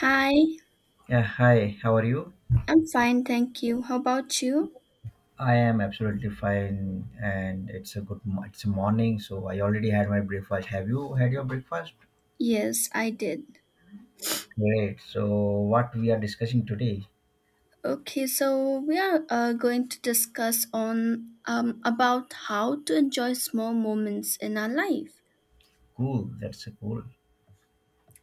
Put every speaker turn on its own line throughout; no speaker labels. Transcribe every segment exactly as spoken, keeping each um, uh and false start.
Hi,
Yeah, hi. How are you?
I'm fine, thank you. How about you?
I am absolutely fine, and it's a good. mo- It's a morning, so I already had my breakfast. Have you had your breakfast?
Yes, I did.
Great. So, what we are discussing today?
Okay, so we are uh, going to discuss on um, about how to enjoy small moments in our life.
Cool. That's a cool.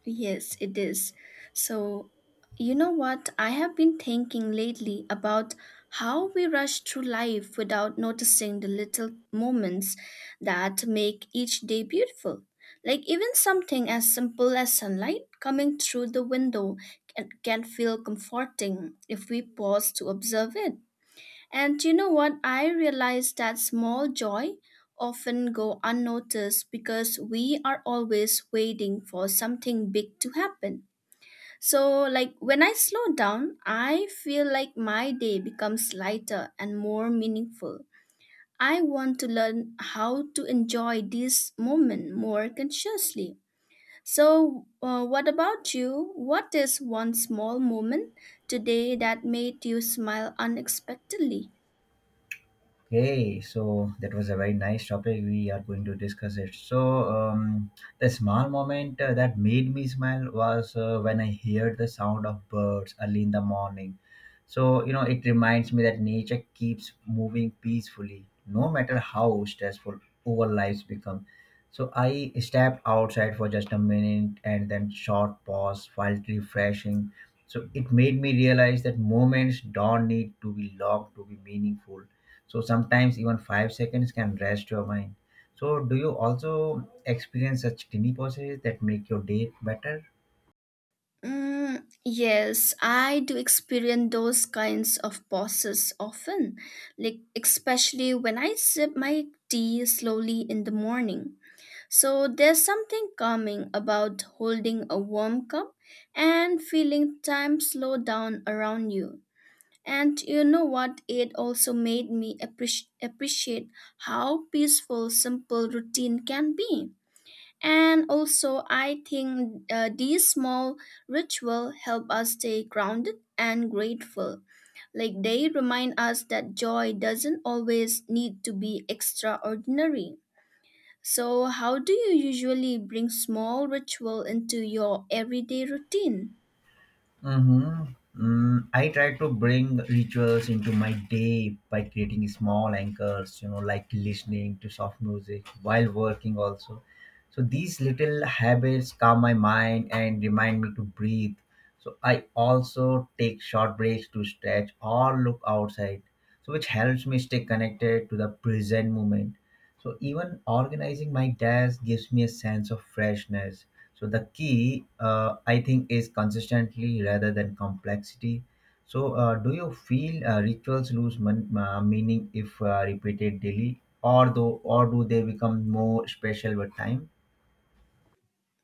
Yes, it is. So, you know what? I have been thinking lately about how we rush through life without noticing the little moments that make each day beautiful. Like, even something as simple as sunlight coming through the window can, can feel comforting if we pause to observe it. And you know what? I realized that small joy often go unnoticed because we are always waiting for something big to happen. So like when I slow down, I feel like my day becomes lighter and more meaningful. I want to learn how to enjoy this moment more consciously. So, uh, what about you? What is one small moment today that made you smile unexpectedly?
Okay, so that was a very nice topic. We are going to discuss it. So, um, the small moment uh, that made me smile was uh, when I heard the sound of birds early in the morning. So, you know, it reminds me that nature keeps moving peacefully, no matter how stressful our lives become. So, I stepped outside for just a minute and then short pause while refreshing. So, it made me realize that moments don't need to be long to be meaningful, so sometimes even five seconds can rest your mind. So do you also experience such tiny pauses that make your day better?
Mm, yes, I do experience those kinds of pauses often, like especially when I sip my tea slowly in the morning. So there's something calming about holding a warm cup and feeling time slow down around you. And you know what? It also made me appreci- appreciate how peaceful simple routine can be. And also, I think uh, these small rituals help us stay grounded and grateful. Like they remind us that joy doesn't always need to be extraordinary. So, how do you usually bring small ritual into your everyday routine?
Mm-hmm. Mm, I try to bring rituals into my day by creating small anchors, you know, like listening to soft music while working also. So these little habits calm my mind and remind me to breathe. So I also take short breaks to stretch or look outside, so which helps me stay connected to the present moment. So even organizing my desk gives me a sense of freshness. So the key, uh, I think, is consistently rather than complexity. So uh, do you feel uh, rituals lose mon- uh, meaning if uh, repeated daily, or though, or do they become more special with time?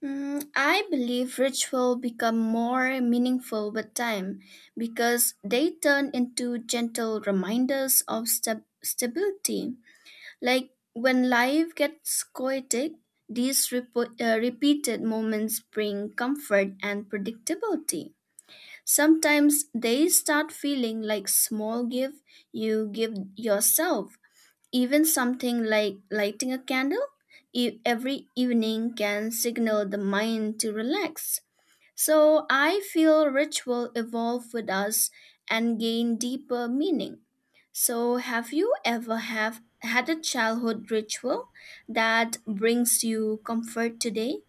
Mm, I believe ritual become more meaningful with time because they turn into gentle reminders of stab- stability. Like when life gets chaotic, these repo- uh, repeated moments bring comfort and predictability. Sometimes they start feeling like small gift you give yourself. Even something like lighting a candle e- every evening can signal the mind to relax. So I feel ritual evolve with us and gain deeper meaning. So have you ever have had a childhood ritual that brings you comfort today?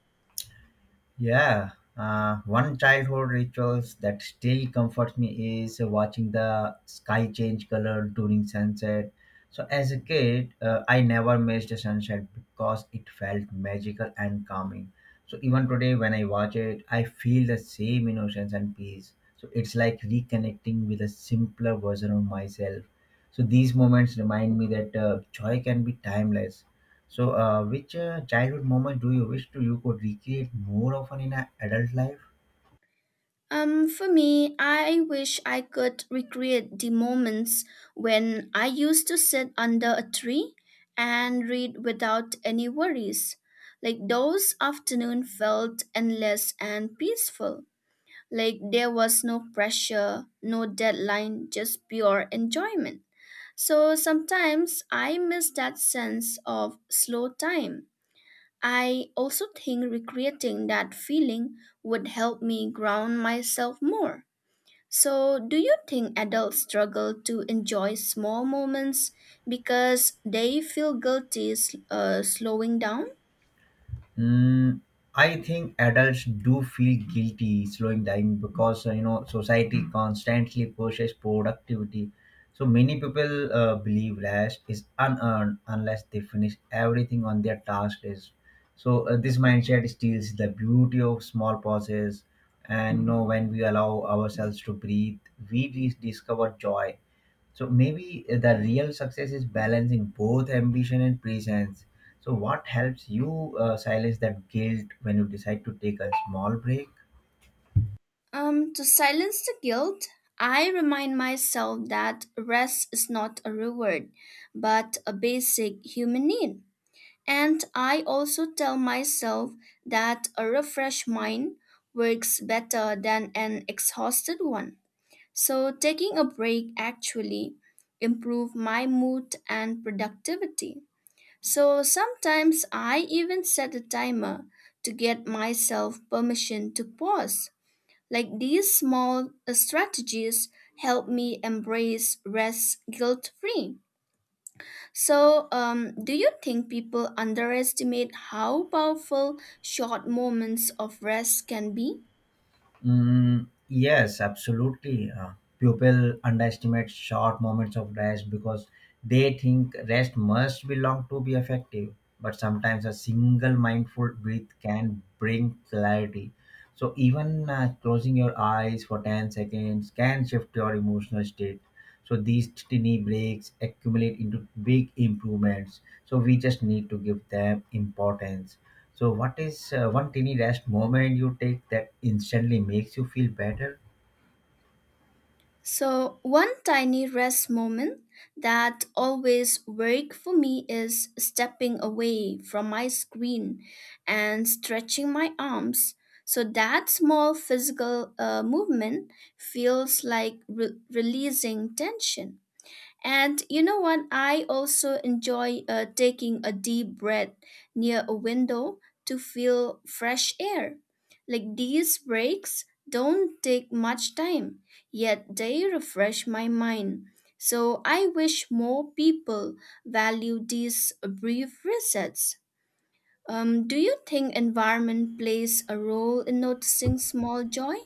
Yeah, uh, one childhood rituals that still comforts me is watching the sky change color during sunset. So as a kid, uh, I never missed a sunset because it felt magical and calming. So even today, when I watch it, I feel the same innocence and peace. So it's like reconnecting with a simpler version of myself. So these moments remind me that uh, joy can be timeless. So, uh, which uh, childhood moment do you wish to you could recreate more often in a adult life?
Um, for me, I wish I could recreate the moments when I used to sit under a tree and read without any worries. Like those afternoon felt endless and peaceful. Like there was no pressure, no deadline, just pure enjoyment. So sometimes I miss that sense of slow time. I also think recreating that feeling would help me ground myself more. So, do you think adults struggle to enjoy small moments because they feel guilty s- uh, slowing down?
Mm, I think adults do feel guilty slowing down because uh, you know society constantly pushes productivity. So many people uh, believe rest is unearned unless they finish everything on their task list. So uh, this mindset steals the beauty of small pauses, and you know when we allow ourselves to breathe, we dis- discover joy. So maybe the real success is balancing both ambition and presence. So what helps you uh, silence that guilt when you decide to take a small break?
Um, to silence the guilt, I remind myself that rest is not a reward, but a basic human need. And I also tell myself that a refreshed mind works better than an exhausted one. So taking a break actually improve my mood and productivity. So sometimes I even set a timer to get myself permission to pause. Like these small uh, strategies help me embrace rest guilt free. So, um, do you think people underestimate how powerful short moments of rest can be?
Mm, yes, absolutely. Uh, people underestimate short moments of rest because they think rest must be long to be effective. But sometimes a single mindful breath can bring clarity. So even uh, closing your eyes for ten seconds can shift your emotional state. So these tiny breaks accumulate into big improvements. So we just need to give them importance. So, what is uh, one tiny rest moment you take that instantly makes you feel better?
So, one tiny rest moment that always work for me is stepping away from my screen and stretching my arms. So that small physical uh, movement feels like re- releasing tension. And you know what? I also enjoy uh, taking a deep breath near a window to feel fresh air. Like these breaks don't take much time, yet they refresh my mind. So I wish more people value these brief resets. Um, do you think environment plays a role in noticing small joy?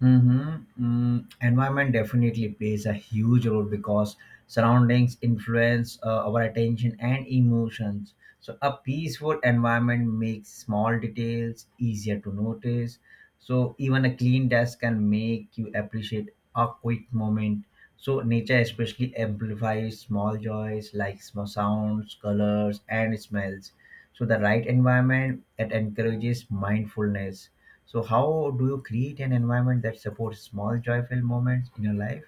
Mm-hmm. Mm, environment definitely plays a huge role because surroundings influence uh, our attention and emotions. So, a peaceful environment makes small details easier to notice. So, even a clean desk can make you appreciate a quick moment. So, nature especially amplifies small joys like small sounds, colors, and smells. So the right environment that encourages mindfulness. So how do you create an environment that supports small joyful moments in your life?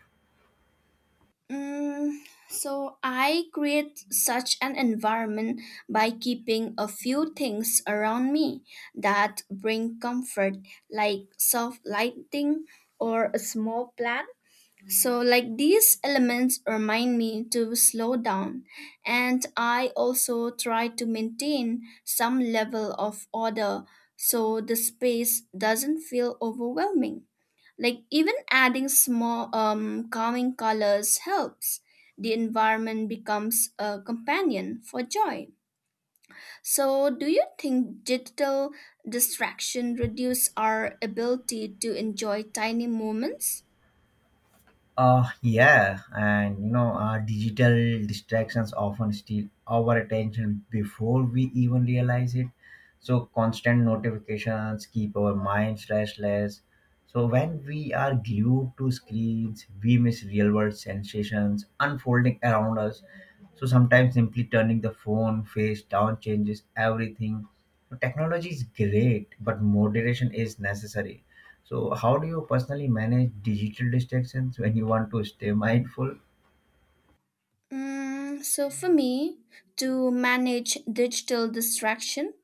Mm, so I create such an environment by keeping a few things around me that bring comfort, like soft lighting or a small plant so, like these elements remind me to slow down, and I also try to maintain some level of order so the space doesn't feel overwhelming. Like, even adding small um, calming colors helps. The environment becomes a companion for joy. So, do you think digital distraction reduce our ability to enjoy tiny moments?
Uh, yeah, and you know, uh, digital distractions often steal our attention before we even realize it. So, constant notifications keep our minds restless. So, when we are glued to screens, we miss real world sensations unfolding around us. So, sometimes simply turning the phone face down changes everything. So, technology is great, but moderation is necessary. So, how do you personally manage digital distractions when you want to stay mindful?
Mm, so for me, to manage digital distraction,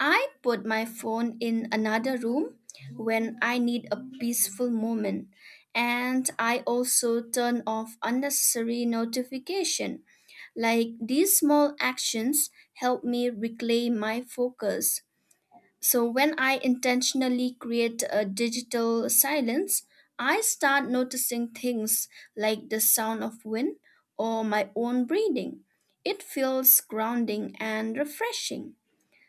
I put my phone in another room when I need a peaceful moment. And I also turn off unnecessary notification. Like these small actions help me reclaim my focus. So when I intentionally create a digital silence, I start noticing things like the sound of wind or my own breathing. It feels grounding and refreshing.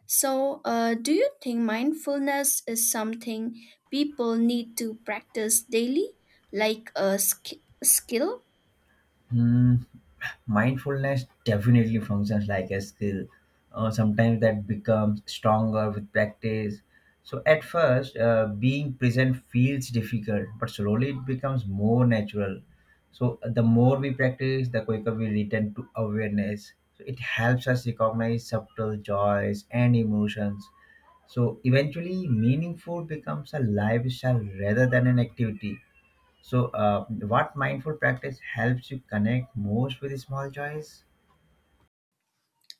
So, uh, do you think mindfulness is something people need to practice daily, like a sk- skill?
Hmm, mindfulness definitely functions like a skill. Uh, sometimes that becomes stronger with practice. So, at first, uh, being present feels difficult, but slowly it becomes more natural. So, the more we practice, the quicker we return to awareness. So, it helps us recognize subtle joys and emotions. So eventually, meaningful becomes a lifestyle rather than an activity. So, uh, what mindful practice helps you connect most with small joys?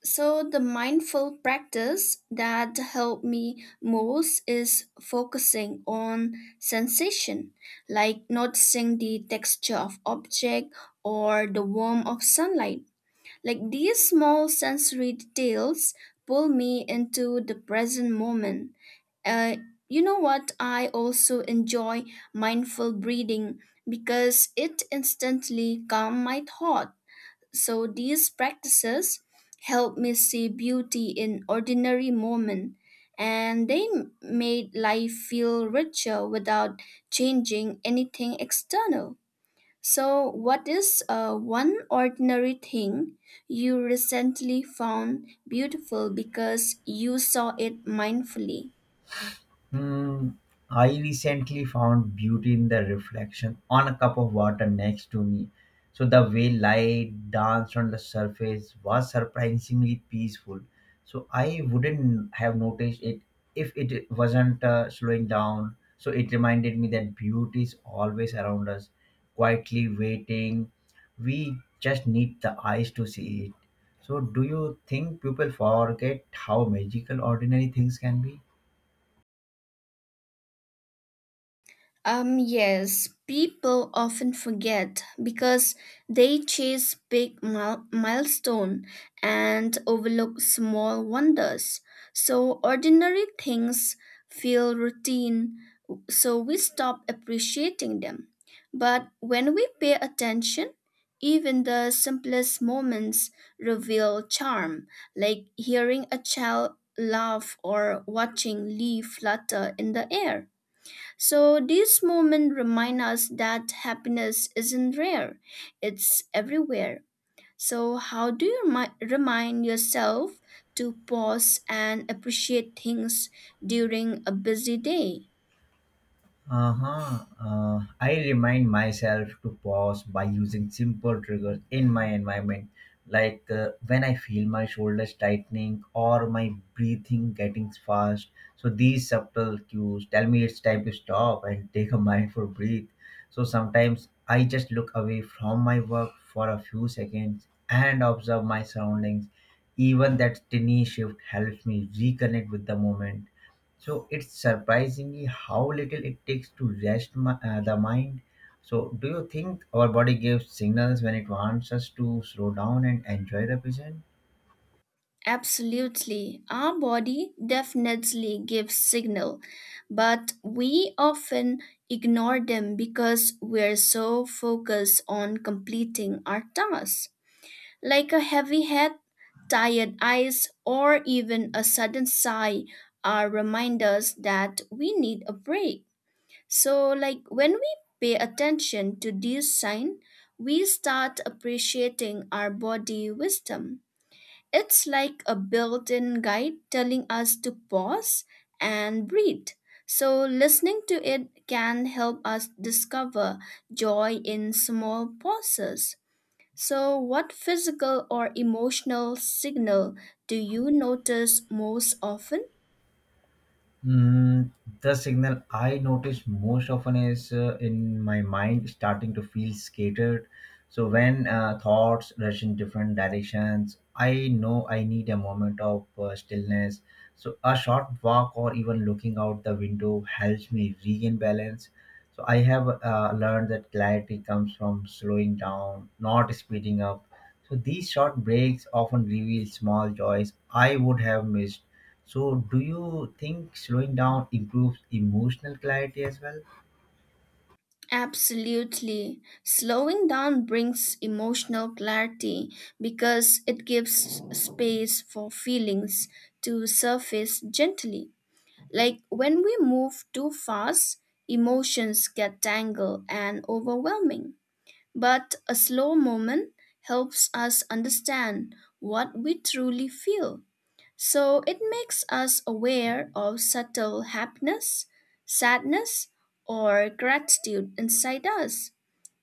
So, the mindful practice that helped me most is focusing on sensation, like noticing the texture of object or the warmth of sunlight. Like these small sensory details pull me into the present moment. Uh, you know what? I also enjoy mindful breathing because it instantly calms my thoughts so these practices helped me see beauty in ordinary moments, and they m- made life feel richer without changing anything external. So, what is uh, one ordinary thing you recently found beautiful because you saw it mindfully?
Hmm, I recently found beauty in the reflection on a cup of water next to me. So the way light danced on the surface was surprisingly peaceful. So I wouldn't have noticed it if it wasn't uh, slowing down. So it reminded me that beauty is always around us, quietly waiting. We just need the eyes to see it. So do you think people forget how magical ordinary things can be?
Um, yes, people often forget because they chase big mil- milestone and overlook small wonders. So ordinary things feel routine, so we stop appreciating them. But when we pay attention, even the simplest moments reveal charm, like hearing a child laugh or watching leaf flutter in the air. So these moments remind us that happiness isn't rare, it's everywhere. So how do you remi- remind yourself to pause and appreciate things during a busy day?
Uh-huh. Uh, I remind myself to pause by using simple triggers in my environment, like uh, when I feel my shoulders tightening or my breathing getting fast. So these subtle cues tell me it's time to stop and take a mindful breath. So sometimes I just look away from my work for a few seconds and observe my surroundings. Even that tiny shift helps me reconnect with the moment. So it's surprisingly how little it takes to rest my, uh, the mind. So do you think our body gives signals when it wants us to slow down and enjoy the present?
Absolutely. Our body definitely gives signal, but we often ignore them because we're so focused on completing our tasks. Like a heavy head, tired eyes, or even a sudden sigh are reminders that we need a break. So like when we pay attention to these signs, we start appreciating our body wisdom. It's like a built-in guide telling us to pause and breathe. So listening to it can help us discover joy in small pauses. So, what physical or emotional signal do you notice most often?
Mm, the signal I notice most often is uh, in my mind starting to feel scattered. So when uh, thoughts rush in different directions, I know I need a moment of uh, stillness. So a short walk or even looking out the window helps me regain balance. So I have uh, learned that clarity comes from slowing down, not speeding up. So these short breaks often reveal small joys I would have missed. So do you think slowing down improves emotional clarity as well?
Absolutely. Slowing down brings emotional clarity because it gives space for feelings to surface gently. Like when we move too fast, emotions get tangled and overwhelming. But a slow moment helps us understand what we truly feel. So it makes us aware of subtle happiness, sadness, or gratitude inside us.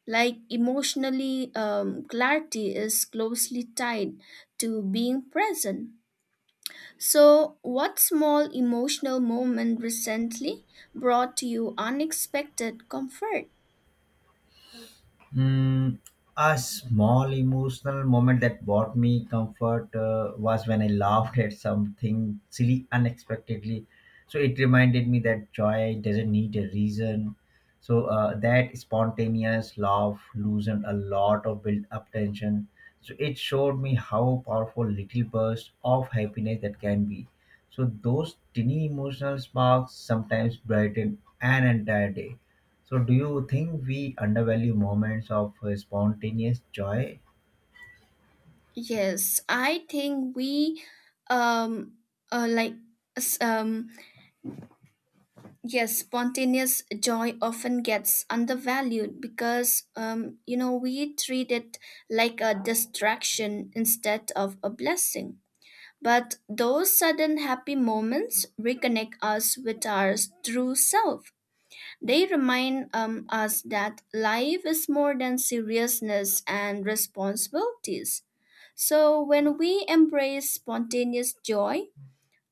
Like emotionally, um, clarity is closely tied to being present. So, what small emotional moment recently brought you unexpected comfort?
Mm, a small emotional moment that brought me comfort uh, was when I laughed at something silly unexpectedly. So it reminded me that joy doesn't need a reason. So uh, that spontaneous laugh loosened a lot of built up tension. So it showed me how powerful little bursts of happiness that can be. So those tiny emotional sparks sometimes brighten an entire day. So, do you think we undervalue moments of uh, spontaneous joy?
Yes, I think we, um, uh, like, s- um, Yes, spontaneous joy often gets undervalued because, um, you know, we treat it like a distraction instead of a blessing. But those sudden happy moments reconnect us with our true self. They remind um, us that life is more than seriousness and responsibilities. So when we embrace spontaneous joy,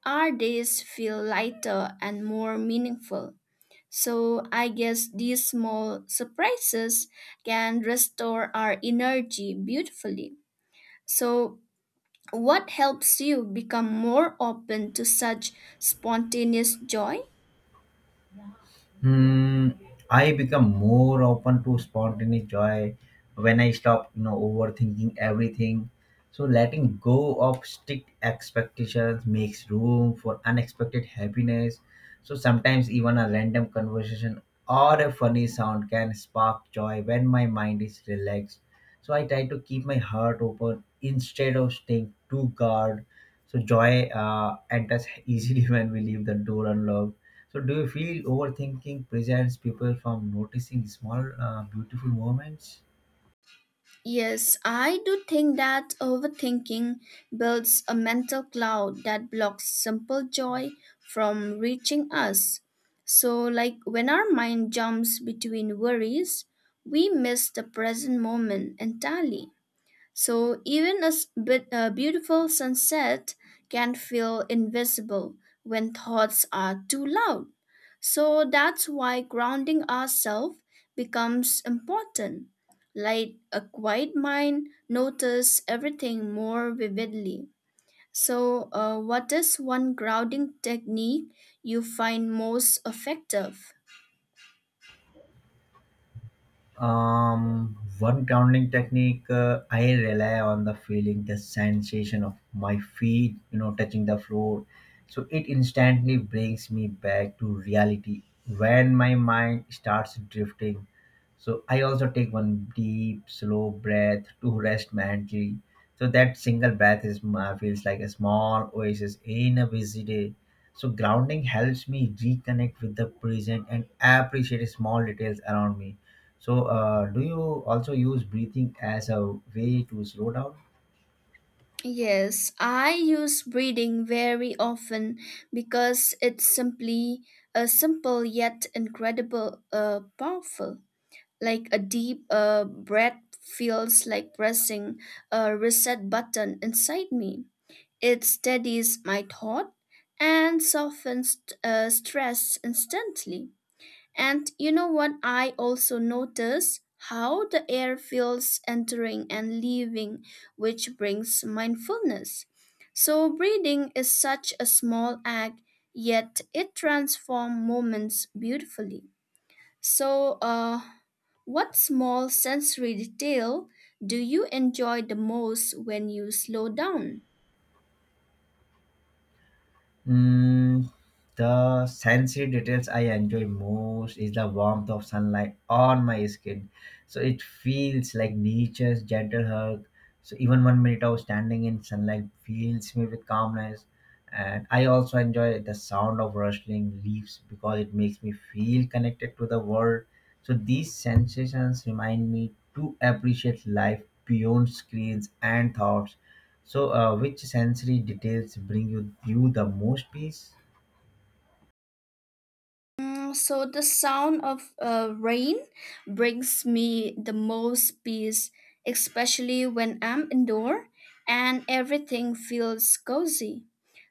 our days feel lighter and more meaningful. So I guess these small surprises can restore our energy beautifully. So, what helps you become more open to such spontaneous joy?
Hmm, I become more open to spontaneous joy when I stop, you know, overthinking everything. So letting go of strict expectations makes room for unexpected happiness. So sometimes even a random conversation or a funny sound can spark joy when my mind is relaxed. So I try to keep my heart open instead of staying too guard. So joy uh, enters easily when we leave the door unlocked. So, do you feel overthinking prevents people from noticing small, uh, beautiful moments?
Yes, I do think that overthinking builds a mental cloud that blocks simple joy from reaching us. So, like when our mind jumps between worries, we miss the present moment entirely. So even a s- bit, a beautiful sunset can feel invisible when thoughts are too loud. So that's why grounding ourselves becomes important. Like a quiet mind notice everything more vividly. So, uh, what is one grounding technique you find most effective?
Um, one grounding technique uh, I rely on the feeling, the sensation of my feet, you know, touching the floor. So it instantly brings me back to reality when my mind starts drifting. So I also take one deep, slow breath to rest mentally. So that single breath is my, feels like a small oasis in a busy day. So grounding helps me reconnect with the present and appreciate small details around me. So, uh, do you also use breathing as a way to slow down?
Yes, I use breathing very often because it's simply a simple yet incredible uh, powerful. Like a deep uh, breath feels like pressing a reset button inside me. It steadies my thought and softens uh, stress instantly. And you know what? I also notice how the air feels entering and leaving, which brings mindfulness. So, breathing is such a small act, yet it transforms moments beautifully. So, uh, what small sensory detail do you enjoy the most when you slow down?
Mm, the sensory details I enjoy most is the warmth of sunlight on my skin. So it feels like nature's gentle hug. So even one minute of standing in sunlight fills me with calmness. And I also enjoy the sound of rustling leaves because it makes me feel connected to the world. So these sensations remind me to appreciate life beyond screens and thoughts. So, uh, which sensory details bring you you the most peace?
Mm, so the sound of uh, rain brings me the most peace, especially when I'm indoor and everything feels cozy.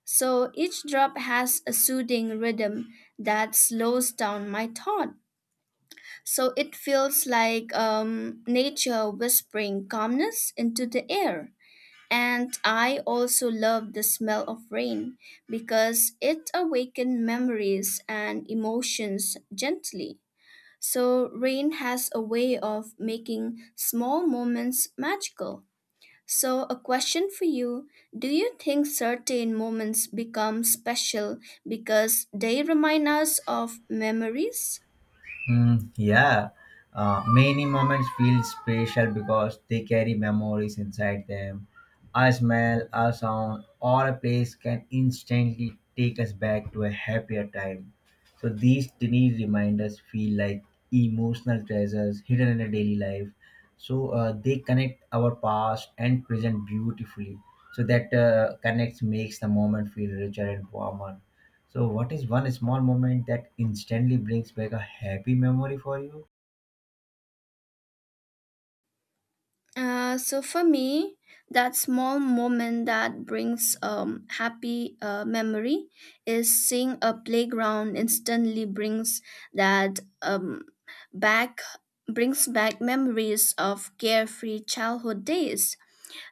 So each drop has a soothing rhythm that slows down my thought. So it feels like um, nature whispering calmness into the air. And I also love the smell of rain because it awakens memories and emotions gently. So, rain has a way of making small moments magical. So, a question for you. Do you think certain moments become special because they remind us of memories?
Mm, yeah, uh, many moments feel special because they carry memories inside them. A smell, a sound, or a place can instantly take us back to a happier time. So these tiny reminders feel like emotional treasures hidden in a daily life. So uh, they connect our past and present beautifully. So that uh, connects makes the moment feel richer and warmer. So, what is one small moment that instantly brings back a happy memory for you?
Uh, so for me, that small moment that brings um happy uh, memory is seeing a playground instantly brings that um back brings back memories of carefree childhood days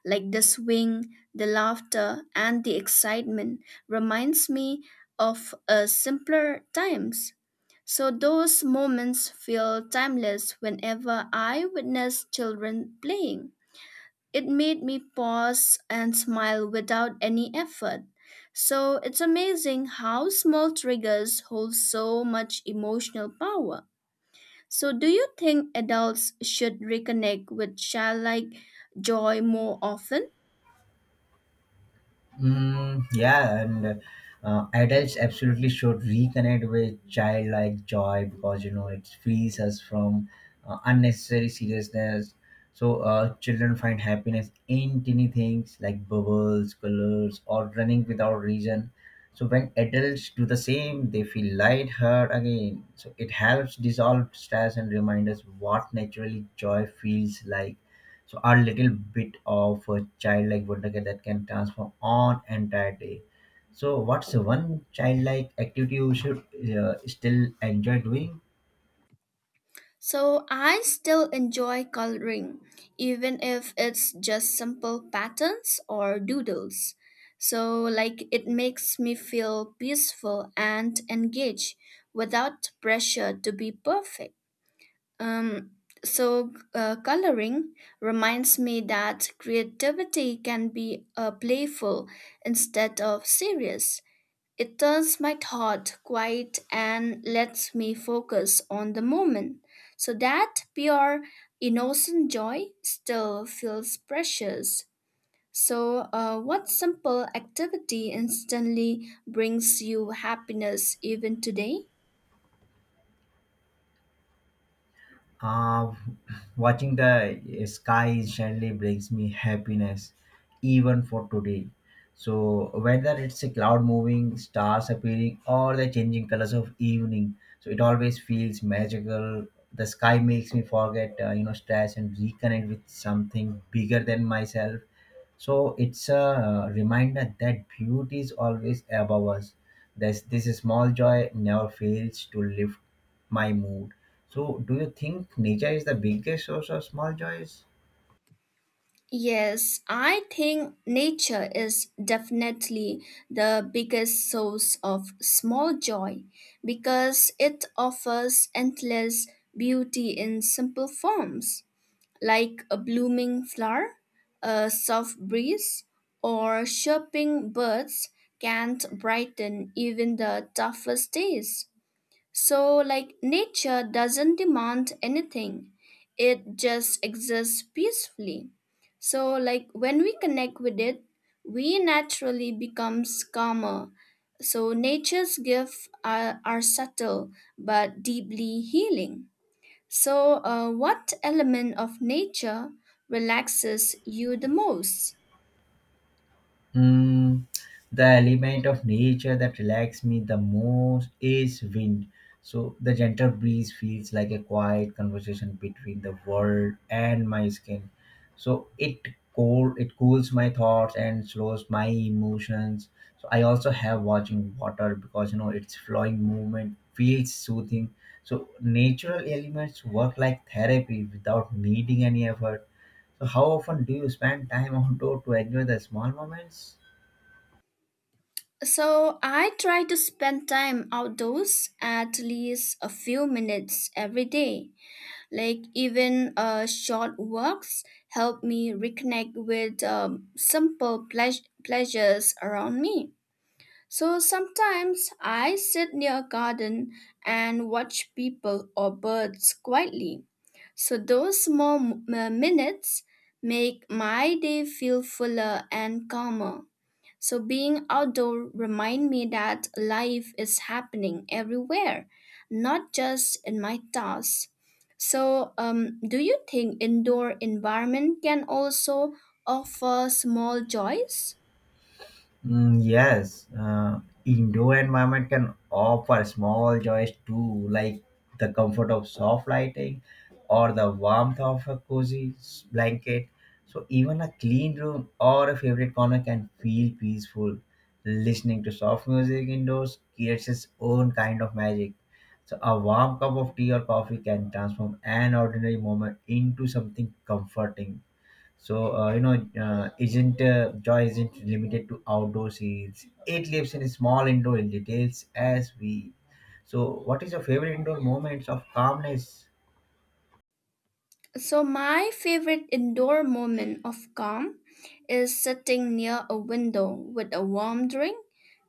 like the swing, the laughter, and the excitement reminds me of uh, simpler times. So those moments feel timeless whenever I witness children playing. It made me pause and smile without any effort. So it's amazing how small triggers hold so much emotional power. So, do you think adults should reconnect with childlike joy more often?
Mm, yeah, and uh, adults absolutely should reconnect with childlike joy because you know it frees us from uh, unnecessary seriousness. So uh, children find happiness in tiny things like bubbles, colors, or running without reason. So when adults do the same, they feel lighthearted again. So it helps dissolve stress and remind us what naturally joy feels like. So our little bit of a childlike wonderkid that can transform on entire day. So what's one childlike activity you should uh, still enjoy doing?
So I still enjoy coloring, even if it's just simple patterns or doodles. So, like, it makes me feel peaceful and engaged without pressure to be perfect. Um, so, uh, Coloring reminds me that creativity can be uh, playful instead of serious. It turns my thought quiet and lets me focus on the moment. So that pure, innocent joy still feels precious. So, uh, what simple activity instantly brings you happiness even today?
Uh, Watching the sky suddenly brings me happiness, even for today. So whether it's a cloud moving, stars appearing, or the changing colors of evening, so it always feels magical. The sky makes me forget, uh, you know, stress and reconnect with something bigger than myself. So it's a reminder that beauty is always above us. This this small joy never fails to lift my mood. So, do you think nature is the biggest source of small joys?
Yes, I think nature is definitely the biggest source of small joy because it offers endless beauty in simple forms. Like a blooming flower, a soft breeze, or chirping birds can brighten even the toughest days. So, like, nature doesn't demand anything, it just exists peacefully. So, like, when we connect with it, we naturally becomes calmer. So, nature's gifts are, are subtle but deeply healing. So, uh, what element of nature relaxes you the most?
Mm, the element of nature that relaxes me the most is wind. So the gentle breeze feels like a quiet conversation between the world and my skin. So it cool it cools my thoughts and slows my emotions. So I also have watching water because you know its flowing movement feels soothing. So natural elements work like therapy without needing any effort. So how often do you spend time outdoor to enjoy the small moments?
So, I try to spend time outdoors at least a few minutes every day. Like, even uh, short walks help me reconnect with um, simple pleas- pleasures around me. So sometimes I sit near a garden and watch people or birds quietly. So those small m- uh, minutes make my day feel fuller and calmer. So being outdoor remind me that life is happening everywhere, not just in my tasks. So um, do you think indoor environment can also offer small joys?
Mm, yes, uh, indoor environment can offer small joys too, like the comfort of soft lighting or the warmth of a cozy s- blanket. So even a clean room or a favorite corner can feel peaceful. Listening to soft music indoors creates its own kind of magic. So a warm cup of tea or coffee can transform an ordinary moment into something comforting. So uh, you know, uh, isn't uh, joy isn't limited to outdoor scenes. It lives in small indoor details as we. So, what is your favorite indoor moments of calmness?
So, my favorite indoor moment of calm is sitting near a window with a warm drink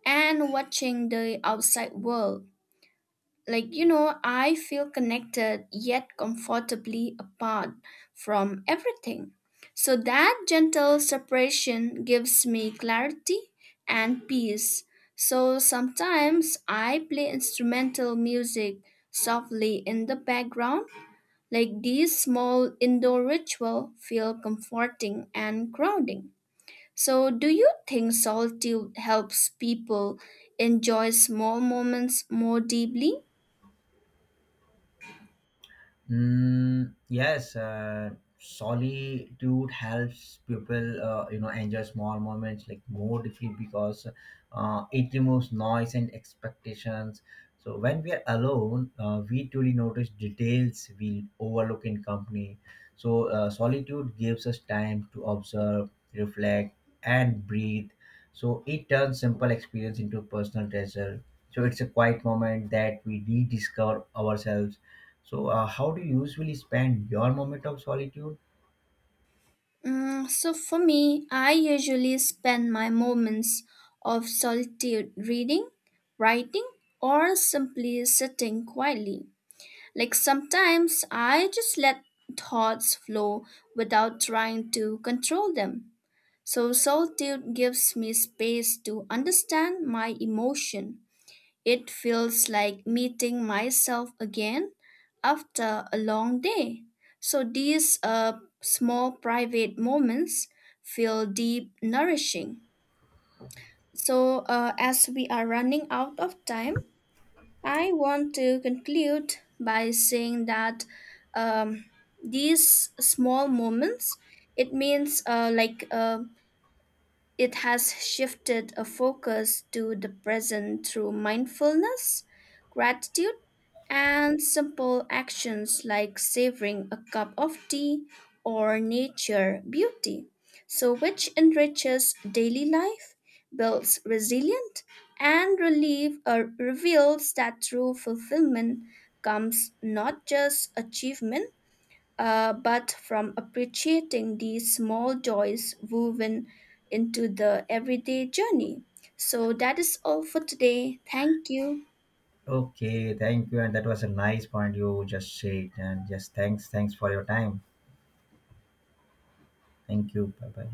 and watching the outside world. Like, you know, I feel connected yet comfortably apart from everything. So, that gentle separation gives me clarity and peace. So, sometimes I play instrumental music softly in the background like these small indoor ritual feel comforting and grounding. So do you think solitude helps people enjoy small moments more deeply?
Mm, yes, uh, solitude helps people, uh, you know, enjoy small moments like more deeply because uh, it removes noise and expectations. So when we are alone, uh, we truly notice details we overlook in company. So uh, solitude gives us time to observe, reflect, and breathe. So it turns simple experience into personal treasure. So it's a quiet moment that we rediscover ourselves. So, uh, how do you usually spend your moment of solitude?
Mm, so for me, I usually spend my moments of solitude reading, writing, or simply sitting quietly. Like sometimes I just let thoughts flow without trying to control them. So solitude gives me space to understand my emotion. It feels like meeting myself again after a long day. So these uh, small private moments feel deep nourishing. So uh, as we are running out of time, I want to conclude by saying that um, these small moments it means uh, like uh, it has shifted a focus to the present through mindfulness, gratitude, and simple actions like savoring a cup of tea or nature beauty. So, which enriches daily life, builds resilience, and relief, or reveals that true fulfillment comes not just achievement uh, but from appreciating these small joys woven into the everyday journey. So that is all for today. Thank you.
Okay, thank you. And that was a nice point you just said. And yes, thanks. Thanks for your time. Thank you. Bye bye.